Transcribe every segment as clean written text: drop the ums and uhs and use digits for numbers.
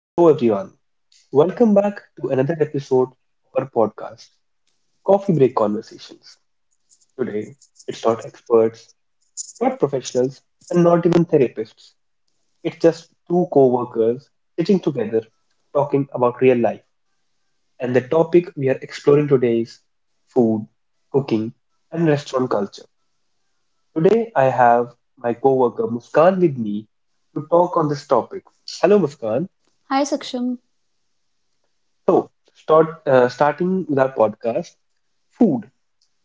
Hello, everyone. Welcome back to another episode of our podcast, Coffee Break Conversations. Today, it's not experts, not professionals, and not even therapists. It's just two co workers sitting together talking about real life. And the topic we are exploring today is food, cooking, and restaurant culture. Today, I have my co worker Muskan with me to talk on this topic. Hello, Muskan. Hi Saksham. Starting with our podcast, food.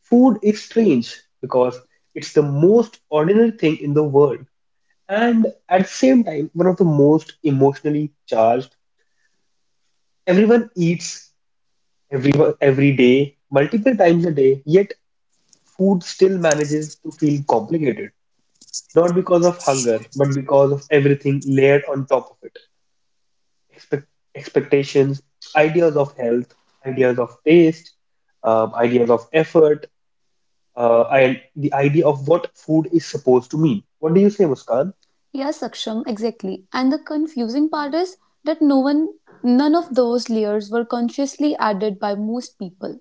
Food is strange because it's the most ordinary thing in the world, and at the same time, one of the most emotionally charged. Everyone eats everyone every day, multiple times a day, yet food still manages to feel complicated, not because of hunger, but because of everything layered on top of it. expect, Expectations, ideas of health, ideas of taste, ideas of effort, and the idea of what food is supposed to mean. What do you say, Muskan? Yes, Saksham, exactly. And the confusing part is that none of those layers were consciously added by most people.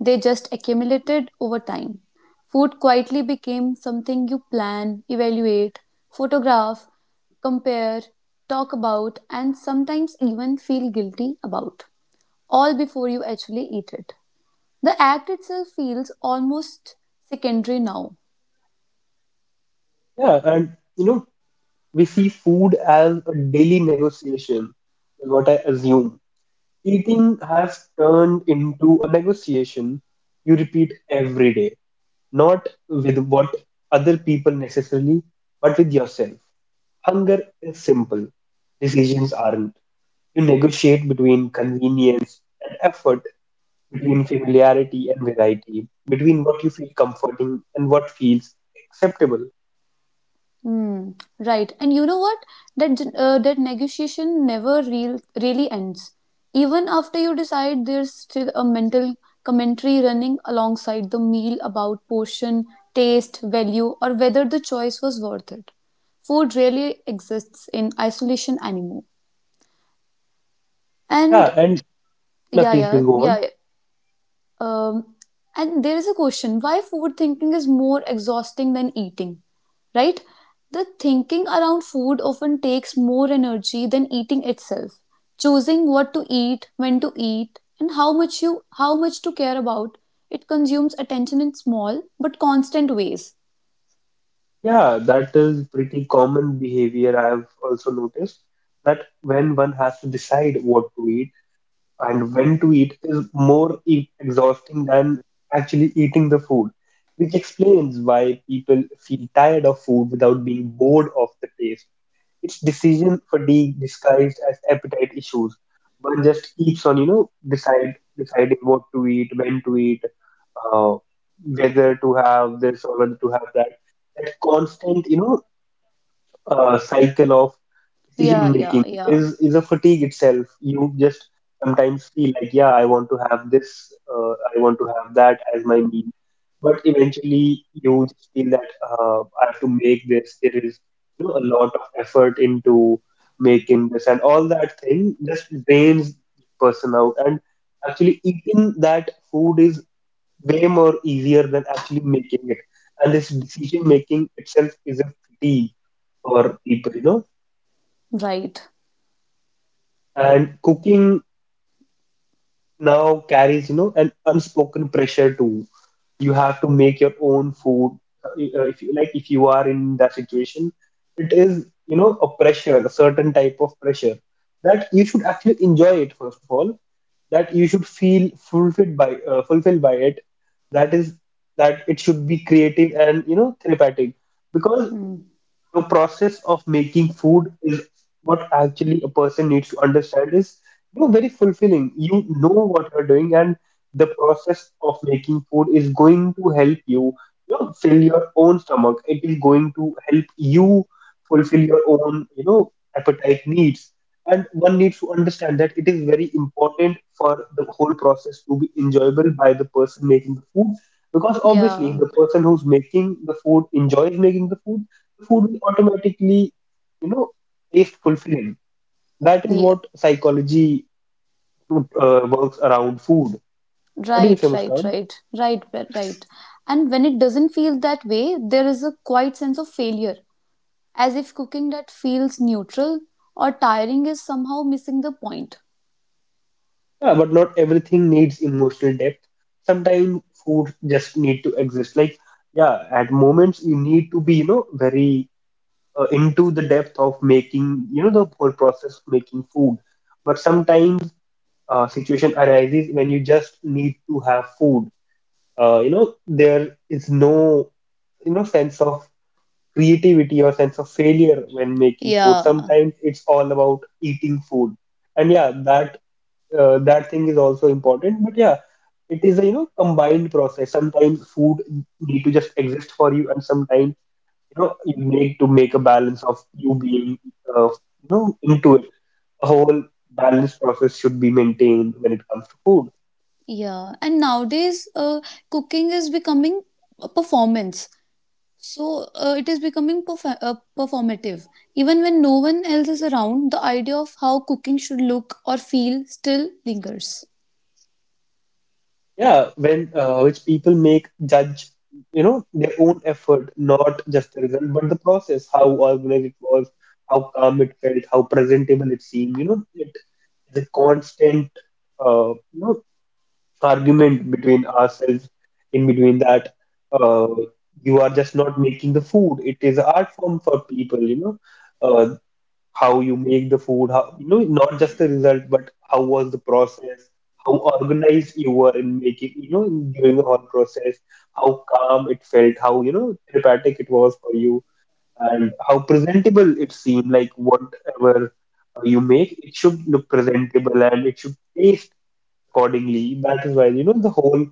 They just accumulated over time. Food quietly became something you plan, evaluate, photograph, compare, talk about, and sometimes even feel guilty about, all before you actually eat it. The act itself feels almost secondary now. Yeah, and you know, we see food as a daily negotiation, is what I assume. Eating has turned into a negotiation you repeat every day, not with what other people necessarily, but with yourself. Hunger is simple, decisions aren't. You negotiate between convenience and effort, between familiarity and variety, between what you feel comforting and what feels acceptable. Hmm. Right. And you know what? That negotiation never really ends. Even after you decide, there's still a mental commentary running alongside the meal about portion, taste, value, or whether the choice was worth it. Food really exists in isolation anymore. And Yeah, and now Yeah, please, yeah, please go yeah, on. yeah. Um, and there is a question why food thinking is more exhausting than eating, right? The thinking around food often takes more energy than eating itself. Choosing what to eat, when to eat, and how much to care about, it consumes attention in small but constant ways. Yeah, that is pretty common behavior. I've also noticed that when one has to decide what to eat and when to eat is more e exhausting than actually eating the food, which explains why people feel tired of food without being bored of the taste. It's decision fatigue disguised as appetite issues. One just keeps on, you know, decide deciding what to eat, when to eat, uh, whether to have this or whether to have that. That constant, you know, cycle of Yeah, decision yeah, making yeah. is a fatigue itself. You just sometimes feel like, yeah, I want to have this, I want to have that as my meal, but eventually you just feel that I have to make this. There is, you know, a lot of effort into making this, and all that thing just drains the person out. And actually, eating that food is way more easier than actually making it. And this decision making itself is a fatigue for people, you know. Right. And cooking now carries, you know, an unspoken pressure to. You have to make your own food. Uh, If you like, if you are in that situation, it is, you know, a pressure, a certain type of pressure that you should actually enjoy it first of all. That you should feel fulfilled by it. That is that it should be creative and, you know, therapeutic because Mm. the process of making food is what actually a person needs to understand is, you know, very fulfilling, you know what you're doing, and the process of making food is going to help you, you know, fill your own stomach. It is going to help you fulfill your own, you know, appetite needs, and one needs to understand that it is very important for the whole process to be enjoyable by the person making the food, because obviously Yeah, the person who's making the food enjoys making the food. Food will automatically, you know, taste fulfilling. That is yeah. what psychology works around food. What do you say, Right, right, Muskan? right, right, right, right. And when it doesn't feel that way, there is a quiet sense of failure, as if cooking that feels neutral or tiring is somehow missing the point. Yeah, but not everything needs emotional depth. Sometimes food just need to exist, like, yeah, at moments you need to be, you know, very into the depth of making, you know, the whole process of making food, but sometimes situation arises when you just need to have food. You know, there is no, you know, sense of creativity or sense of failure when making food. Yeah, Sometimes it's all about eating food, and yeah, that thing is also important. But yeah, it is a, you know, combined process. Sometimes food need to just exist for you, and sometimes, you know, you need to make a balance of you being, uh, you know, into it. A whole balanced process should be maintained when it comes to food. yeah. And nowadays, cooking is becoming a performance. So it is becoming performative. Even when no one else is around, the idea of how cooking should look or feel still lingers. Yeah, when which people make judge, you know, their own effort, not just the result, but the process, how organized it was, how calm it felt, how presentable it seemed. You know, it the constant, you know, argument between ourselves. In between that, uh, you are just not making the food. It is an art form for people. You know, uh how you make the food, how, you know, not just the result, but how was the process, how organized you were in making, you know, during the whole process, how calm it felt, how, you know, therapeutic it was for you, and how presentable it seemed, like whatever you make, it should look presentable and it should taste accordingly. That is why, you know, the whole,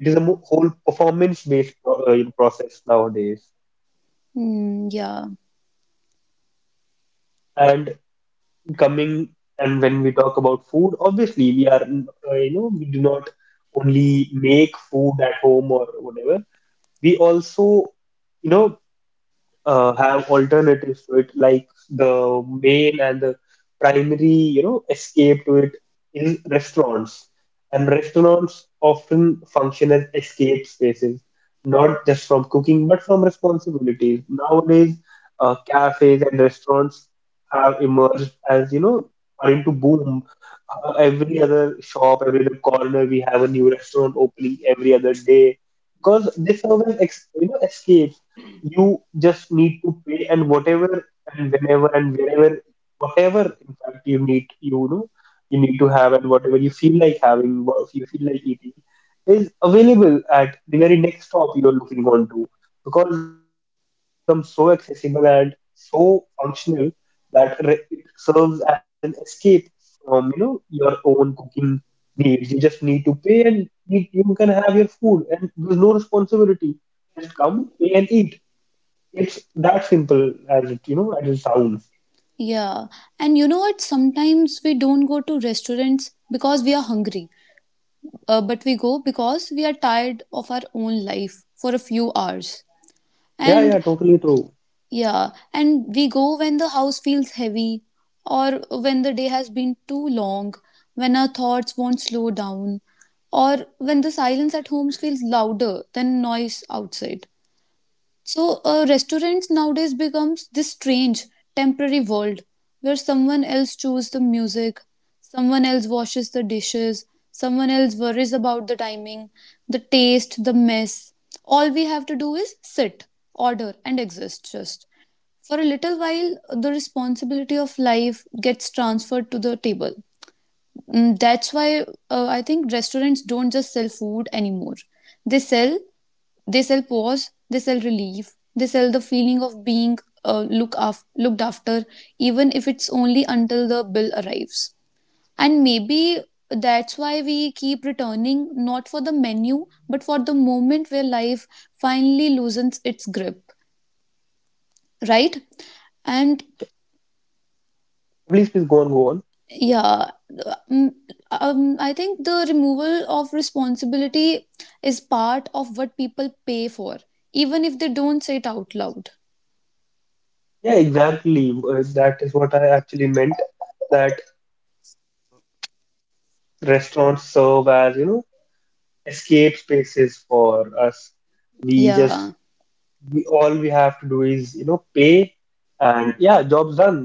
it is a whole process nowadays. Mm, yeah, And coming and when we talk about food, obviously we are, you know, we do not only make food at home or whatever. We also, you know, have alternatives to it, like the main and the primary, you know, escape to it in restaurants. And restaurants often function as escape spaces, not just from cooking, but from responsibilities. Nowadays, cafes and restaurants have emerged as, you know, are into boom. Every other shop, every other corner, we have a new restaurant opening every other day because they serve as you know, escape. You just need to pay and whatever and whenever and wherever, whatever in fact you need, you know, you need to have, and whatever you feel like having, what you feel like eating is available at the very next stop you're looking on to, because it has become so accessible and so functional that it serves as an escape from, you know, your own cooking needs. You just need to pay and you can have your food, and there's no responsibility. Just come, pay, and eat. It's that simple as it, you know, as it sounds. yeah. And you know what? Sometimes we don't go to restaurants because we are hungry, but we go because we are tired of our own life for a few hours. Yeah, yeah, And, totally true. yeah, and we go when the house feels heavy, or when the day has been too long, when our thoughts won't slow down, or when the silence at home feels louder than noise outside. So restaurants nowadays becomes this strange temporary world where someone else chooses the music, someone else washes the dishes, someone else worries about the timing, the taste, the mess. All we have to do is sit, order, and exist just. For a little while, the responsibility of life gets transferred to the table. Mm. That's why I think restaurants don't just sell food anymore. They sell, they sell pause, they sell relief, they sell the feeling of being looked after, even if it's only until the bill arrives. And maybe that's why we keep returning, not for the menu, but for the moment where life finally loosens its grip, right? And Please go on, go on. Yeah, um, I think the removal of responsibility is part of what people pay for, even if they don't say it out loud. Yeah, exactly. That is what I actually meant. That restaurants serve as, you know, escape spaces for us. We just Yeah, we all we have to do is, you know, pay, and yeah, job's done.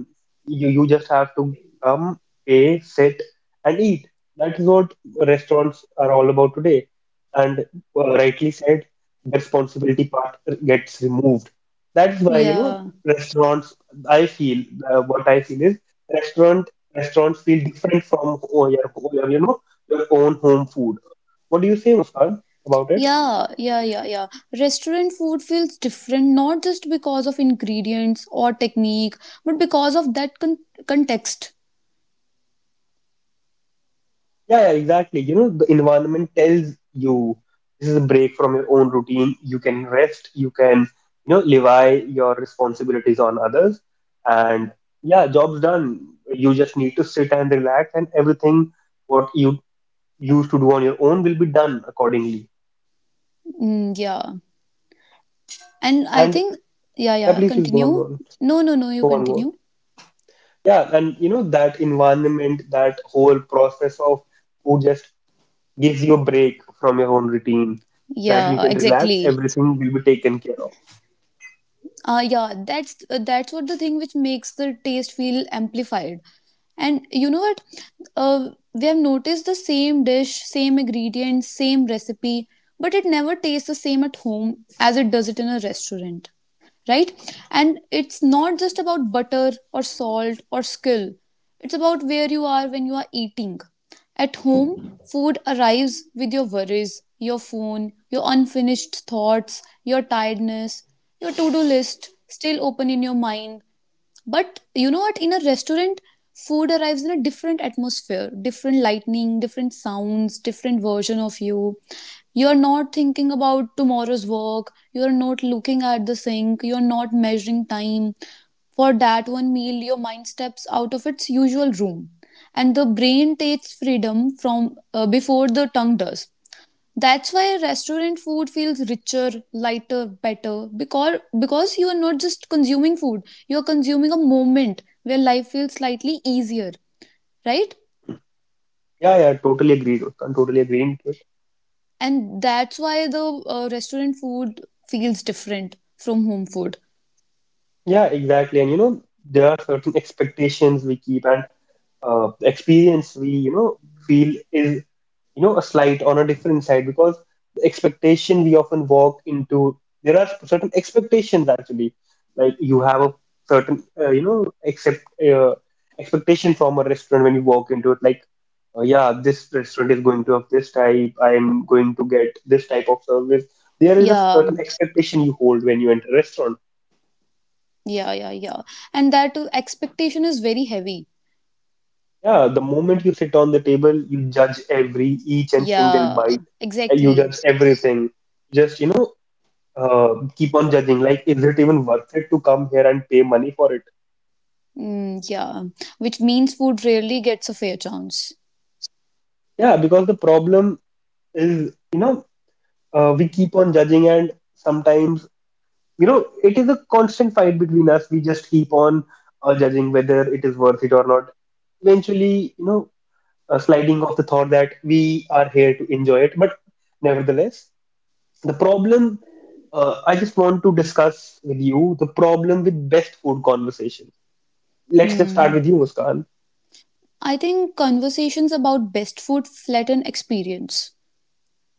You just have to come, pay, sit, and eat. That is what restaurants are all about today. And rightly said, the responsibility part gets removed. That is why, you know, yeah, restaurants, I feel, what I feel is restaurant restaurants feel different from your, you know, your own home food. What do you say, Muskan, about it? yeah, yeah, yeah, yeah. Restaurant food feels different not just because of ingredients or technique, but because of that context. Yeah, yeah, exactly. You know, the environment tells you this is a break from your own routine. You can rest, you can, you know, levy your responsibilities on others. And yeah, job's done. You just need to sit and relax, and everything what you used to do on your own will be done accordingly. Mm, yeah, and I And think, yeah, yeah, yeah, please go on, continue. No, no, no, you go on. continue. Yeah, and you know, that environment, that whole process of who just gives you a break from your own routine, that you Yeah, can relax, exactly. everything will be taken care of. Uh, yeah, that's what the thing which makes the taste feel amplified. And you know what, we have noticed the same dish, same ingredients, same recipe, but it never tastes the same at home as it does it in a restaurant, right? And it's not just about butter or salt or skill. It's about where you are when you are eating. At home, food arrives with your worries, your phone, your unfinished thoughts, your tiredness, your to do list still open in your mind. But you know what? In a restaurant, food arrives in a different atmosphere, different lightning, different sounds, different version of you. You're not thinking about tomorrow's work, you're not looking at the sink, you're not measuring time. For that one meal, your mind steps out of its usual room, and the brain takes freedom from, before the tongue does. That's why restaurant food feels richer, lighter, better, because you are not just consuming food, you are consuming a moment where life feels slightly easier, right? Yeah, yeah, totally agreed. I'm totally agreeing to it. And that's why the restaurant food feels different from home food. Yeah, exactly. And you know, there are certain expectations we keep, and experience we, you know, feel is, you know, a slight on a different side, because the expectation we often walk into, there are certain expectations actually, like you have a certain you know accept uh, expectation from a restaurant when you walk into it, like yeah, this restaurant is going to have this type, I'm going to get this type of service. There is a Yeah, certain expectation you hold when you enter a restaurant. yeah, yeah, yeah, and that expectation is very heavy. Yeah, the moment you sit on the table, you judge every each and single Yeah, bite. And you exactly. judge everything. Just, you know, keep on judging. Like, is it even worth it to come here and pay money for it? Mm, yeah, which means food rarely gets a fair chance. Yeah, because the problem is, you know, we keep on judging, and sometimes, you know, it is a constant fight between us. We just keep on judging whether it is worth it or not. Eventually, you know, sliding off the thought that we are here to enjoy it, but nevertheless. The problem I just want to discuss with you the problem with best food conversations. Let's just start Hmm. with you, Muskan. I think conversations about best food flatten experience.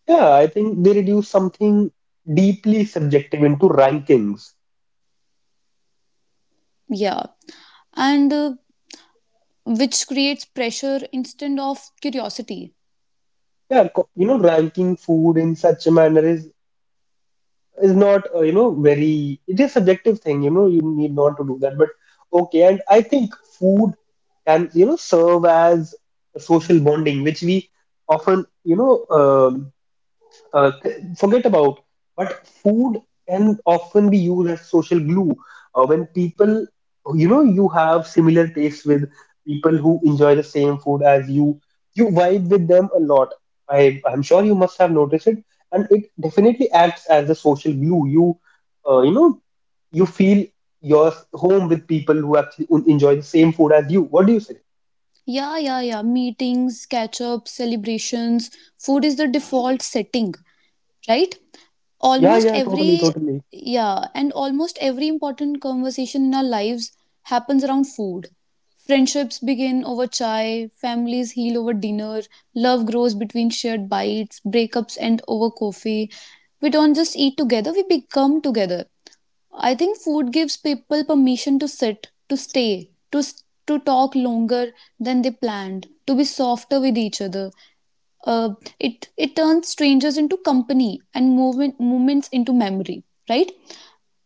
Yeah, I think they reduce something deeply subjective into rankings. Yeah, and which creates pressure instead of curiosity. Yeah, you know, ranking food in such a manner is not you know, very, it is subjective thing. You know, you need not to do that. But okay, and I think food can, you know, serve as a social bonding, which we often, you know. um Forget about. But food can often be used as social glue. When people, you have similar tastes with people who enjoy the same food as you, you vibe with them a lot. I'm sure you must have noticed it, and it definitely acts as a social glue. Uh, you know, you feel your home with people who actually enjoy the same food as you. What do you say? Yeah, yeah, yeah. Meetings, catch ups, celebrations. Food is the default setting, right? Yeah, Almost yeah, totally, every, totally. yeah, and almost every important conversation in our lives happens around food. Friendships begin over chai, families heal over dinner, love grows between shared bites, breakups end over coffee. We don't just eat together, we become together. I think food gives people permission to sit, to stay, to talk longer than they planned, to be softer with each other. It turns strangers into company and moments into memory, right?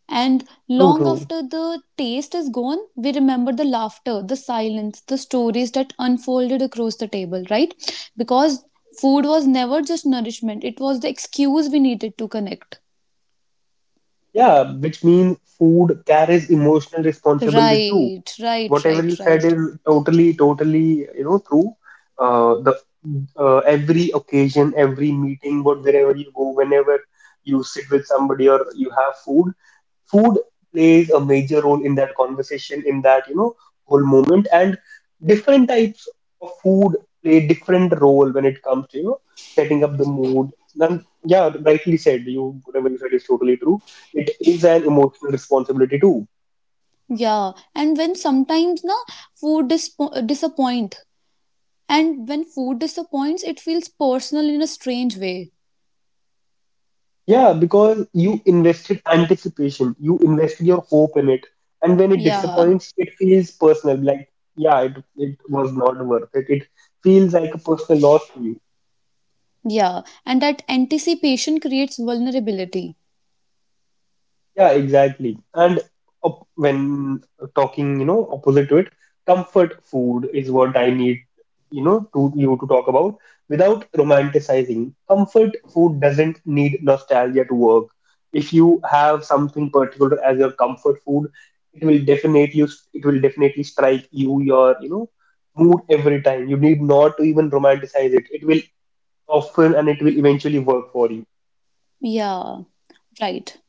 And True, long true. after the taste is gone, we remember the laughter, the silence, the stories that unfolded across the table, right? Because food was never just nourishment; it was the excuse we needed to connect. Yeah, which means food carries emotional responsibility too. Right, right, Whatever you right, said right. is totally, totally, true. The Every occasion, every meeting, but wherever you go, whenever you sit with somebody or you have food, food plays a major role in that conversation, in that, whole moment. And different types of food play different role when it comes to, setting up the mood. And yeah, rightly said, you whatever you said is totally true. It is an emotional responsibility too. Yeah, food dispo- disappoint, and when food disappoints, it feels personal in a strange way. Yeah, because you invested anticipation, you invested your hope in it, and when it Yeah, disappoints, it feels personal, like yeah, it was not worth it. It feels like a personal loss to you. yeah, and that anticipation creates vulnerability. Yeah, exactly. And op when talking, opposite to it, comfort food is what I need, to you to talk about without romanticizing. Comfort food doesn't need nostalgia to work. If you have something particular as your comfort food, it will definitely it will definitely strike you your, mood every time. You need not to even romanticize it. It will often and it will eventually work for you. Yeah, right.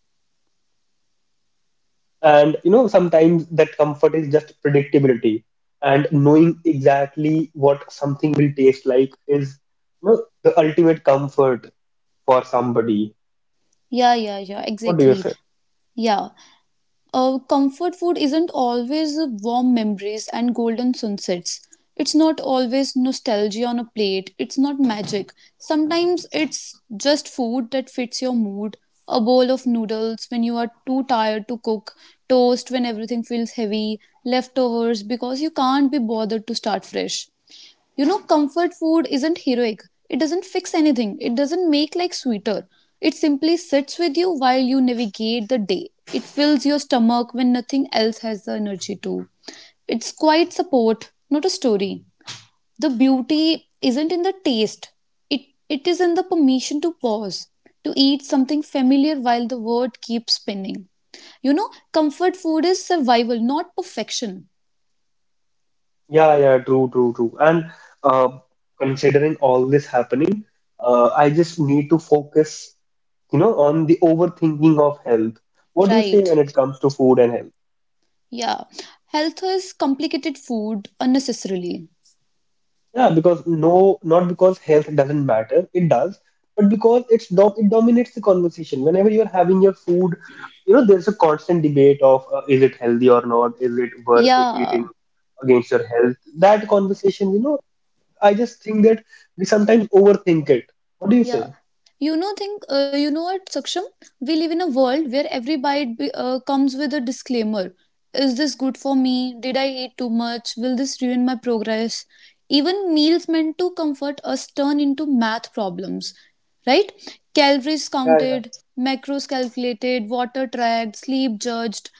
And you know sometimes that comfort is just predictability and knowing exactly what something will taste like is the ultimate comfort for somebody. Yeah, yeah, yeah, What do you exactly. say? Yeah. Comfort food isn't always warm memories and golden sunsets. It's not always nostalgia on a plate. It's not magic. Sometimes it's just food that fits your mood. A bowl of noodles when you are too tired to cook, toast when everything feels heavy, leftovers because you can't be bothered to start fresh. You know, comfort food isn't heroic. It doesn't fix anything. It doesn't make life sweeter. It simply sits with you while you navigate the day. It fills your stomach when nothing else has the energy to. It's quite support, not a story. The beauty isn't in the taste. It it is in the permission to pause, to eat something familiar while the world keeps spinning. You know, comfort food is survival, not perfection. Yeah, yeah, true, true, true. And uh, Considering all this happening, I just need to focus on the overthinking of health. What do you say Right. when it comes to food and health? Yeah, health is complicated food unnecessarily. Yeah, because no, not because health doesn't matter, it does, but because it's dom it dominates the conversation. Whenever you're having your food, there's a constant debate of is it healthy or not, is it worth it Yeah, eating against your health? That conversation, I just think that we sometimes overthink it. What do you yeah. say? You know what, Saksham? We live in a world where every bite comes with a disclaimer. Is this good for me? Did I eat too much? Will this ruin my progress? Even meals meant to comfort us turn into math problems, right? Calories counted, macros calculated, water tracked, sleep judged.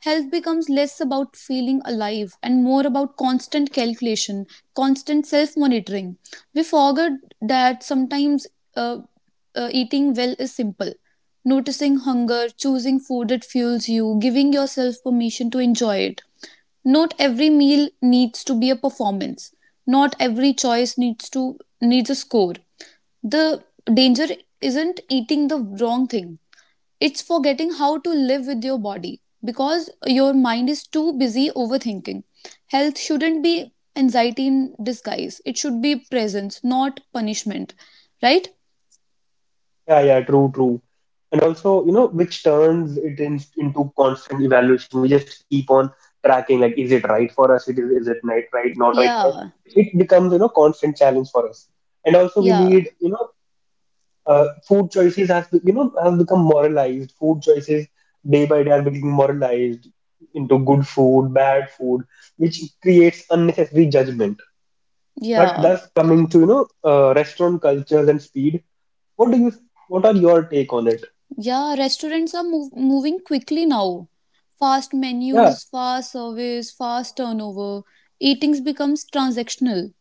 Health becomes less about feeling alive and more about constant calculation, constant self monitoring. We forget that sometimes uh, eating well is simple. Noticing hunger, choosing food that fuels you, giving yourself permission to enjoy it. Not every meal needs to be a performance. Not every choice needs a score. The danger isn't eating the wrong thing, it's forgetting how to live with your body because your mind is too busy overthinking. Health shouldn't be anxiety in disguise, it should be presence, not punishment, right? Yeah, yeah, true, true. And also, which turns it in, into constant evaluation. We just keep on tracking, like, is it right for us? It is it not right for us? Yeah, It becomes, constant challenge for us. And also, we yeah, need, food choices has, have become moralized. Food choices day by day are becoming moralized into good food, bad food, which creates unnecessary judgment. But yeah, thus, coming to, restaurant cultures and speed, what do you, what are your take on it? yeah. Restaurants are moving quickly now. Fast Yeah, menus, fast service, fast turnover. Eating's becomes transactional.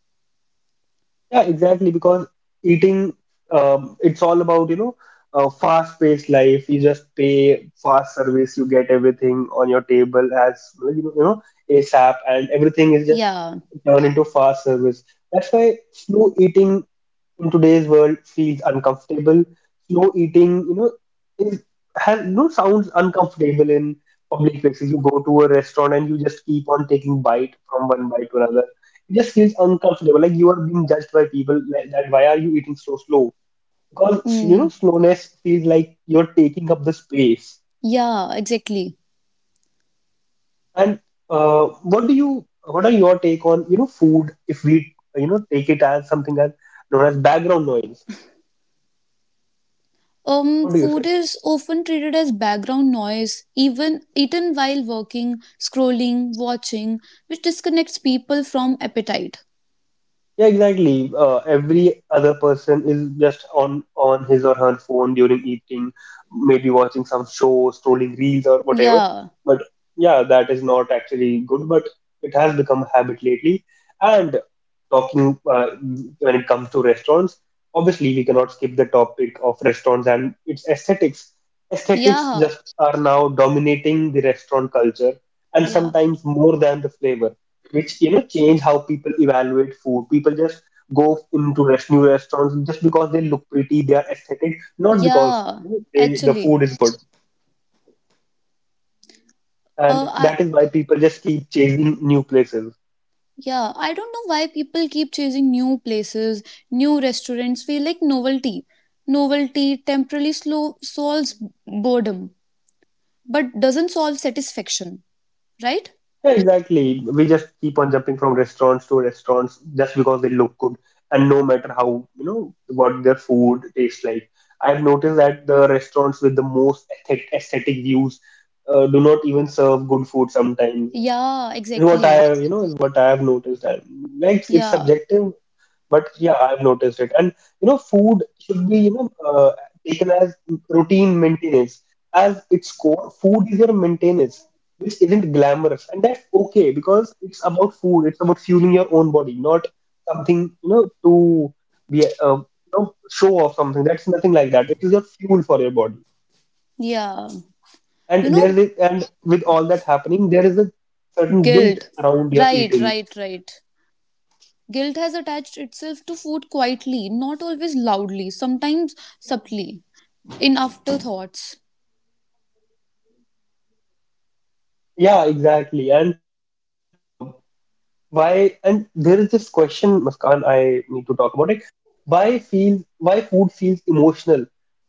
yeah, exactly. Because eating, it's all about, a fast-paced life. You just pay fast service, you get everything on your table as, ASAP, and everything is just Yeah, turned into fast service. That's why slow eating in today's world feels uncomfortable. Slow eating, is has no sounds uncomfortable in public places. You go to a restaurant and you just keep on taking bite from one bite to another. It just feels uncomfortable, like you are being judged by people. Like that why are you eating so slow? Because you know, mm, slowness feels like you're taking up the space. yeah, exactly. And uh, what do you? What are your take on you know food? If we you know take it as something as known as background noise, what do you say? Food is often treated as background noise, even eaten while working, scrolling, watching, which disconnects people from appetite. Yeah, exactly. Every other person is just on his or her phone during eating, maybe watching some show, scrolling reels or whatever. Yeah, But yeah, that is not actually good. But it has become a habit lately. And talking when it comes to restaurants, obviously we cannot skip the topic of restaurants and its aesthetics. Aesthetics yeah, just are now dominating the restaurant culture, and yeah, sometimes more than the flavor which you know change how people evaluate food. People just go into rest, new restaurants just because they look pretty, they are aesthetic, not because yeah. you know, they, the food Actually, is good. And I that is why people just keep chasing new places. yeah, I don't know why people keep chasing new places, new restaurants. Feel like novelty. Novelty temporarily slow solves boredom, but doesn't solve satisfaction. Right? Yeah, exactly. We just keep on jumping from restaurants to restaurants just because they look good, and no matter how you know what their food tastes like. I've noticed that the restaurants with the most aesthetic views do not even serve good food sometimes. Yeah, Is what I exactly. have, is what I have noticed. I, like it's Yeah, subjective, but yeah, I've noticed it. And you know, food should be, taken as routine maintenance. As its core, food is your maintenance, which isn't glamorous, and that's okay because it's about food. It's about fueling your own body, not something you know to be, uh, you show off something. That's nothing like that. It is your fuel for your body. yeah. You And know, there is, and with all that happening, there is a certain guilt guilt. around your Right, eating. right, right. Guilt has attached itself to food quietly, not always loudly, sometimes subtly, in afterthoughts. Yeah, exactly. And uh, why? And there is this question, Muskan, I need to talk about it. Why feels why food feels emotional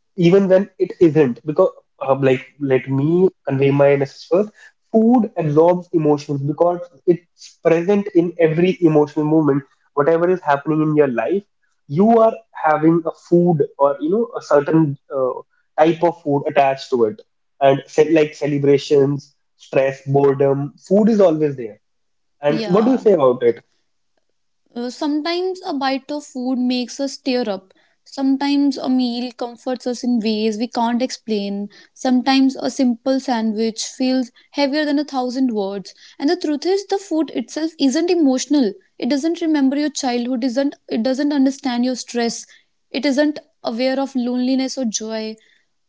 even when it isn't because like let me convey my message first. Food absorbs emotions because it's present in every emotional movement. Whatever is happening in your life, you are having a food or you know a certain type of food attached to it, and like celebrations, stress, boredom, food is always there. And what do you Yeah. say about it? Sometimes a bite of food makes us tear up. Sometimes a meal comforts us in ways we can't explain. Sometimes a simple sandwich feels heavier than a thousand words. And the truth is, the food itself isn't emotional. It doesn't remember your childhood, isn't, it doesn't understand your stress, it isn't aware of loneliness or joy.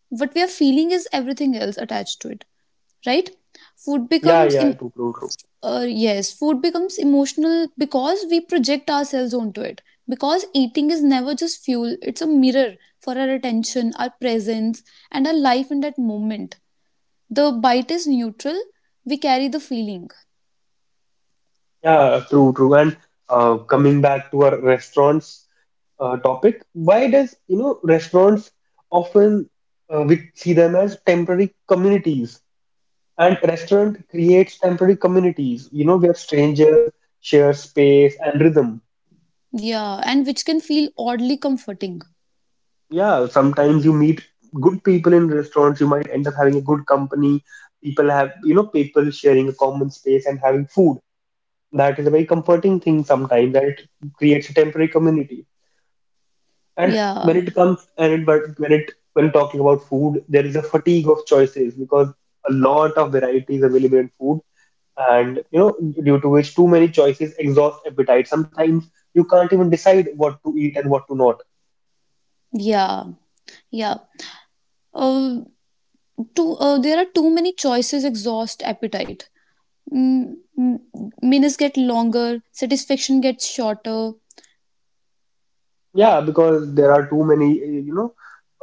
What we are feeling is everything else attached to it, right? food Yeah, becomes yeah, im- true, true, true. uh, yes, food becomes emotional because we project ourselves onto it. Because eating is never just fuel, it's a mirror for our attention, our presence, and our life in that moment. The bite is neutral, we carry the feeling. Yeah, true, true. And Coming back to our restaurants topic, why does, you know, restaurants often we see them as temporary communities, and restaurant creates temporary communities, you know, where strangers share space and rhythm. Yeah, and which can feel oddly comforting. Yeah, sometimes you meet good people in restaurants, you might end up having a good company. People have, you know, people sharing a common space and having food. That is a very comforting thing sometimes, that it creates a temporary community. And Yeah, when it comes and it, but when it when talking about food, there is a fatigue of choices because a lot of varieties available in food, and you know due to which too many choices exhaust appetite. Sometimes you can't even decide what to eat and what to not. yeah, yeah. Uh, there are too many choices exhaust appetite. Mm, mm, Minutes get longer, satisfaction gets shorter. Yeah, because there are too many uh, you know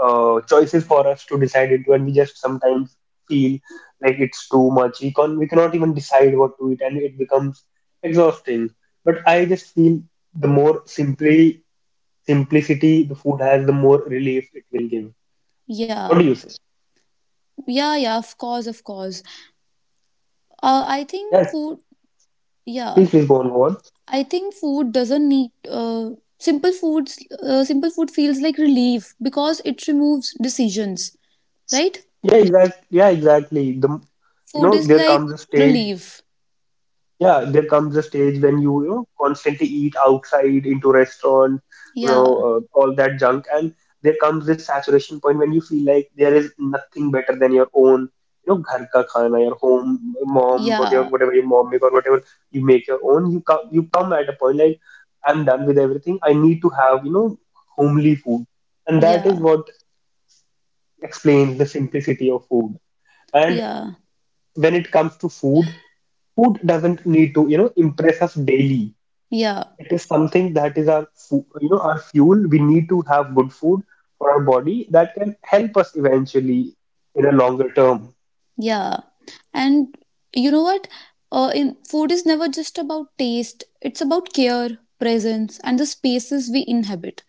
uh, choices for us to decide into, and we just sometimes feel like it's too much. We can we cannot even decide what to eat, and it becomes exhausting. But I just feel the more simply simplicity the food has, the more relief it will give. What do you Yeah, say? yeah, yeah, of course, of course. Uh, I think Yeah, food, yeah, please, please go on, go on. I think food doesn't need, simple foods, simple food feels like relief because it removes decisions, right? Yeah, exactly. Yeah, exactly. The you Food know is there like comes a stage. relief. Yeah, there comes a stage when you know, constantly eat outside into restaurant, Yeah, all that junk, and there comes this saturation point when you feel like there is nothing better than your own, ghar ka khana, your home, mom, whatever, yeah, whatever your mom make or whatever you make your own. You come at a point like, I'm done with everything. I need to have, homely food, and that is yeah, what explains the simplicity of food. And yeah, when it comes to food, food doesn't need to, impress us daily. yeah. It is something that is our, fu- you know, our fuel. We need to have good food for our body that can help us eventually in a longer term. Yeah. And you know what? In Food is never just about taste. It's about care, presence, and the spaces we inhabit: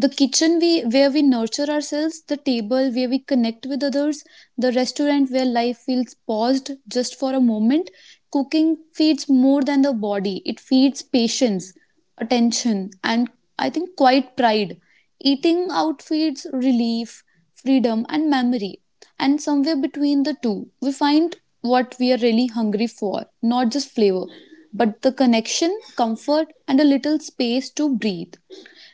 the kitchen we where we nurture ourselves, the table where we connect with others, the restaurant where life feels paused just for a moment. Cooking feeds more than the body, it feeds patience, attention, and I think quite pride. Eating out feeds relief, freedom, and memory. And somewhere between the two we find what we are really hungry for, not just flavor, but the connection, comfort, and a little space to breathe.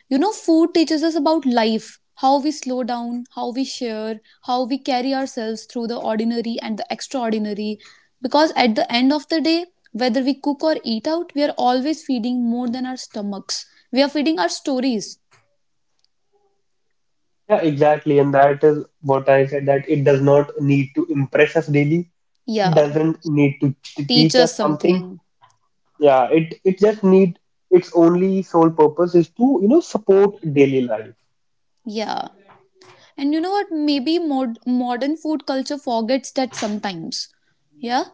You know, food teaches us about life, how we slow down, how we share, how we carry ourselves through the ordinary and the extraordinary. Because at the end of the day, whether we cook or eat out, we are always feeding more than our stomachs. We are feeding our stories. Yeah, exactly. And that is what I said that it does not need to impress us daily. It Yeah, doesn't need to teach teach us us something. something. Yeah, it just need its only sole purpose is to, support daily life. Yeah. And you know what? Maybe modern food culture forgets that sometimes. Yeah?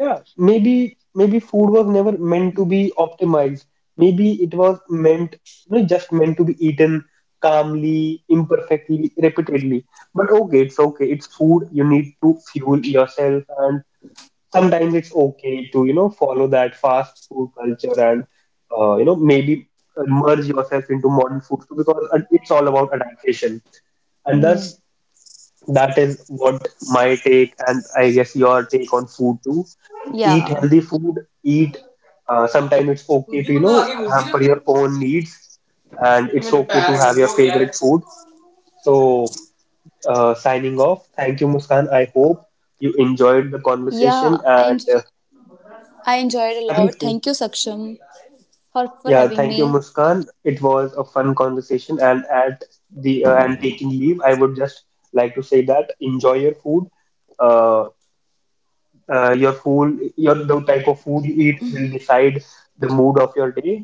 Yeah, maybe maybe food was never meant to be optimized. Maybe it was meant, just meant to be eaten calmly, imperfectly, repeatedly. But okay. It's food. You need to fuel yourself, and sometimes it's okay to, follow that fast food culture and, maybe merge yourself into modern food too, because it's all about adaptation. And Hmm. thus, that is what my take, and I guess your take on food too. Eat Yeah. healthy food, eat sometimes it's खुद okay he to, मंगा आगे घुसी hamper रखे ये. your own needs, and it's मेरे okay पैर to have गंदे your हो गए यार. favorite food. So, signing off. Thank you, Muskan. I hope you enjoyed the Yeah, conversation and I enjoyed a lot. Definitely. Thank you, Saksham, for Yeah, having thank you, me. Muskan. It was a fun conversation, and at the and taking leave, I would just like to say that enjoy your food. Uh, your food your the type of food you eat will decide the mood of your day.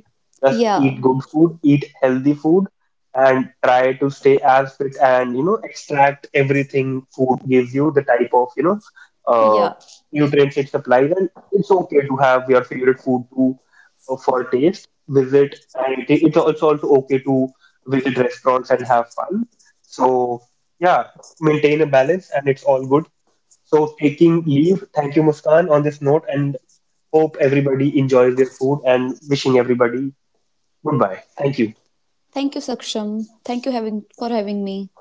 Just eat Yeah, good food, eat healthy food, and try to stay as fit and you know extract everything food gives you the type of uh, yeah. nutrients it supplies and it's okay to have your favorite food too. For taste visit and it's also okay to visit restaurants and have fun. So yeah, maintain a balance and it's all good. So, taking leave, thank you, Muskan, on this note, and hope everybody enjoys their food and wishing everybody goodbye. Thank you. Thank you, Saksham. Thank you having for having me.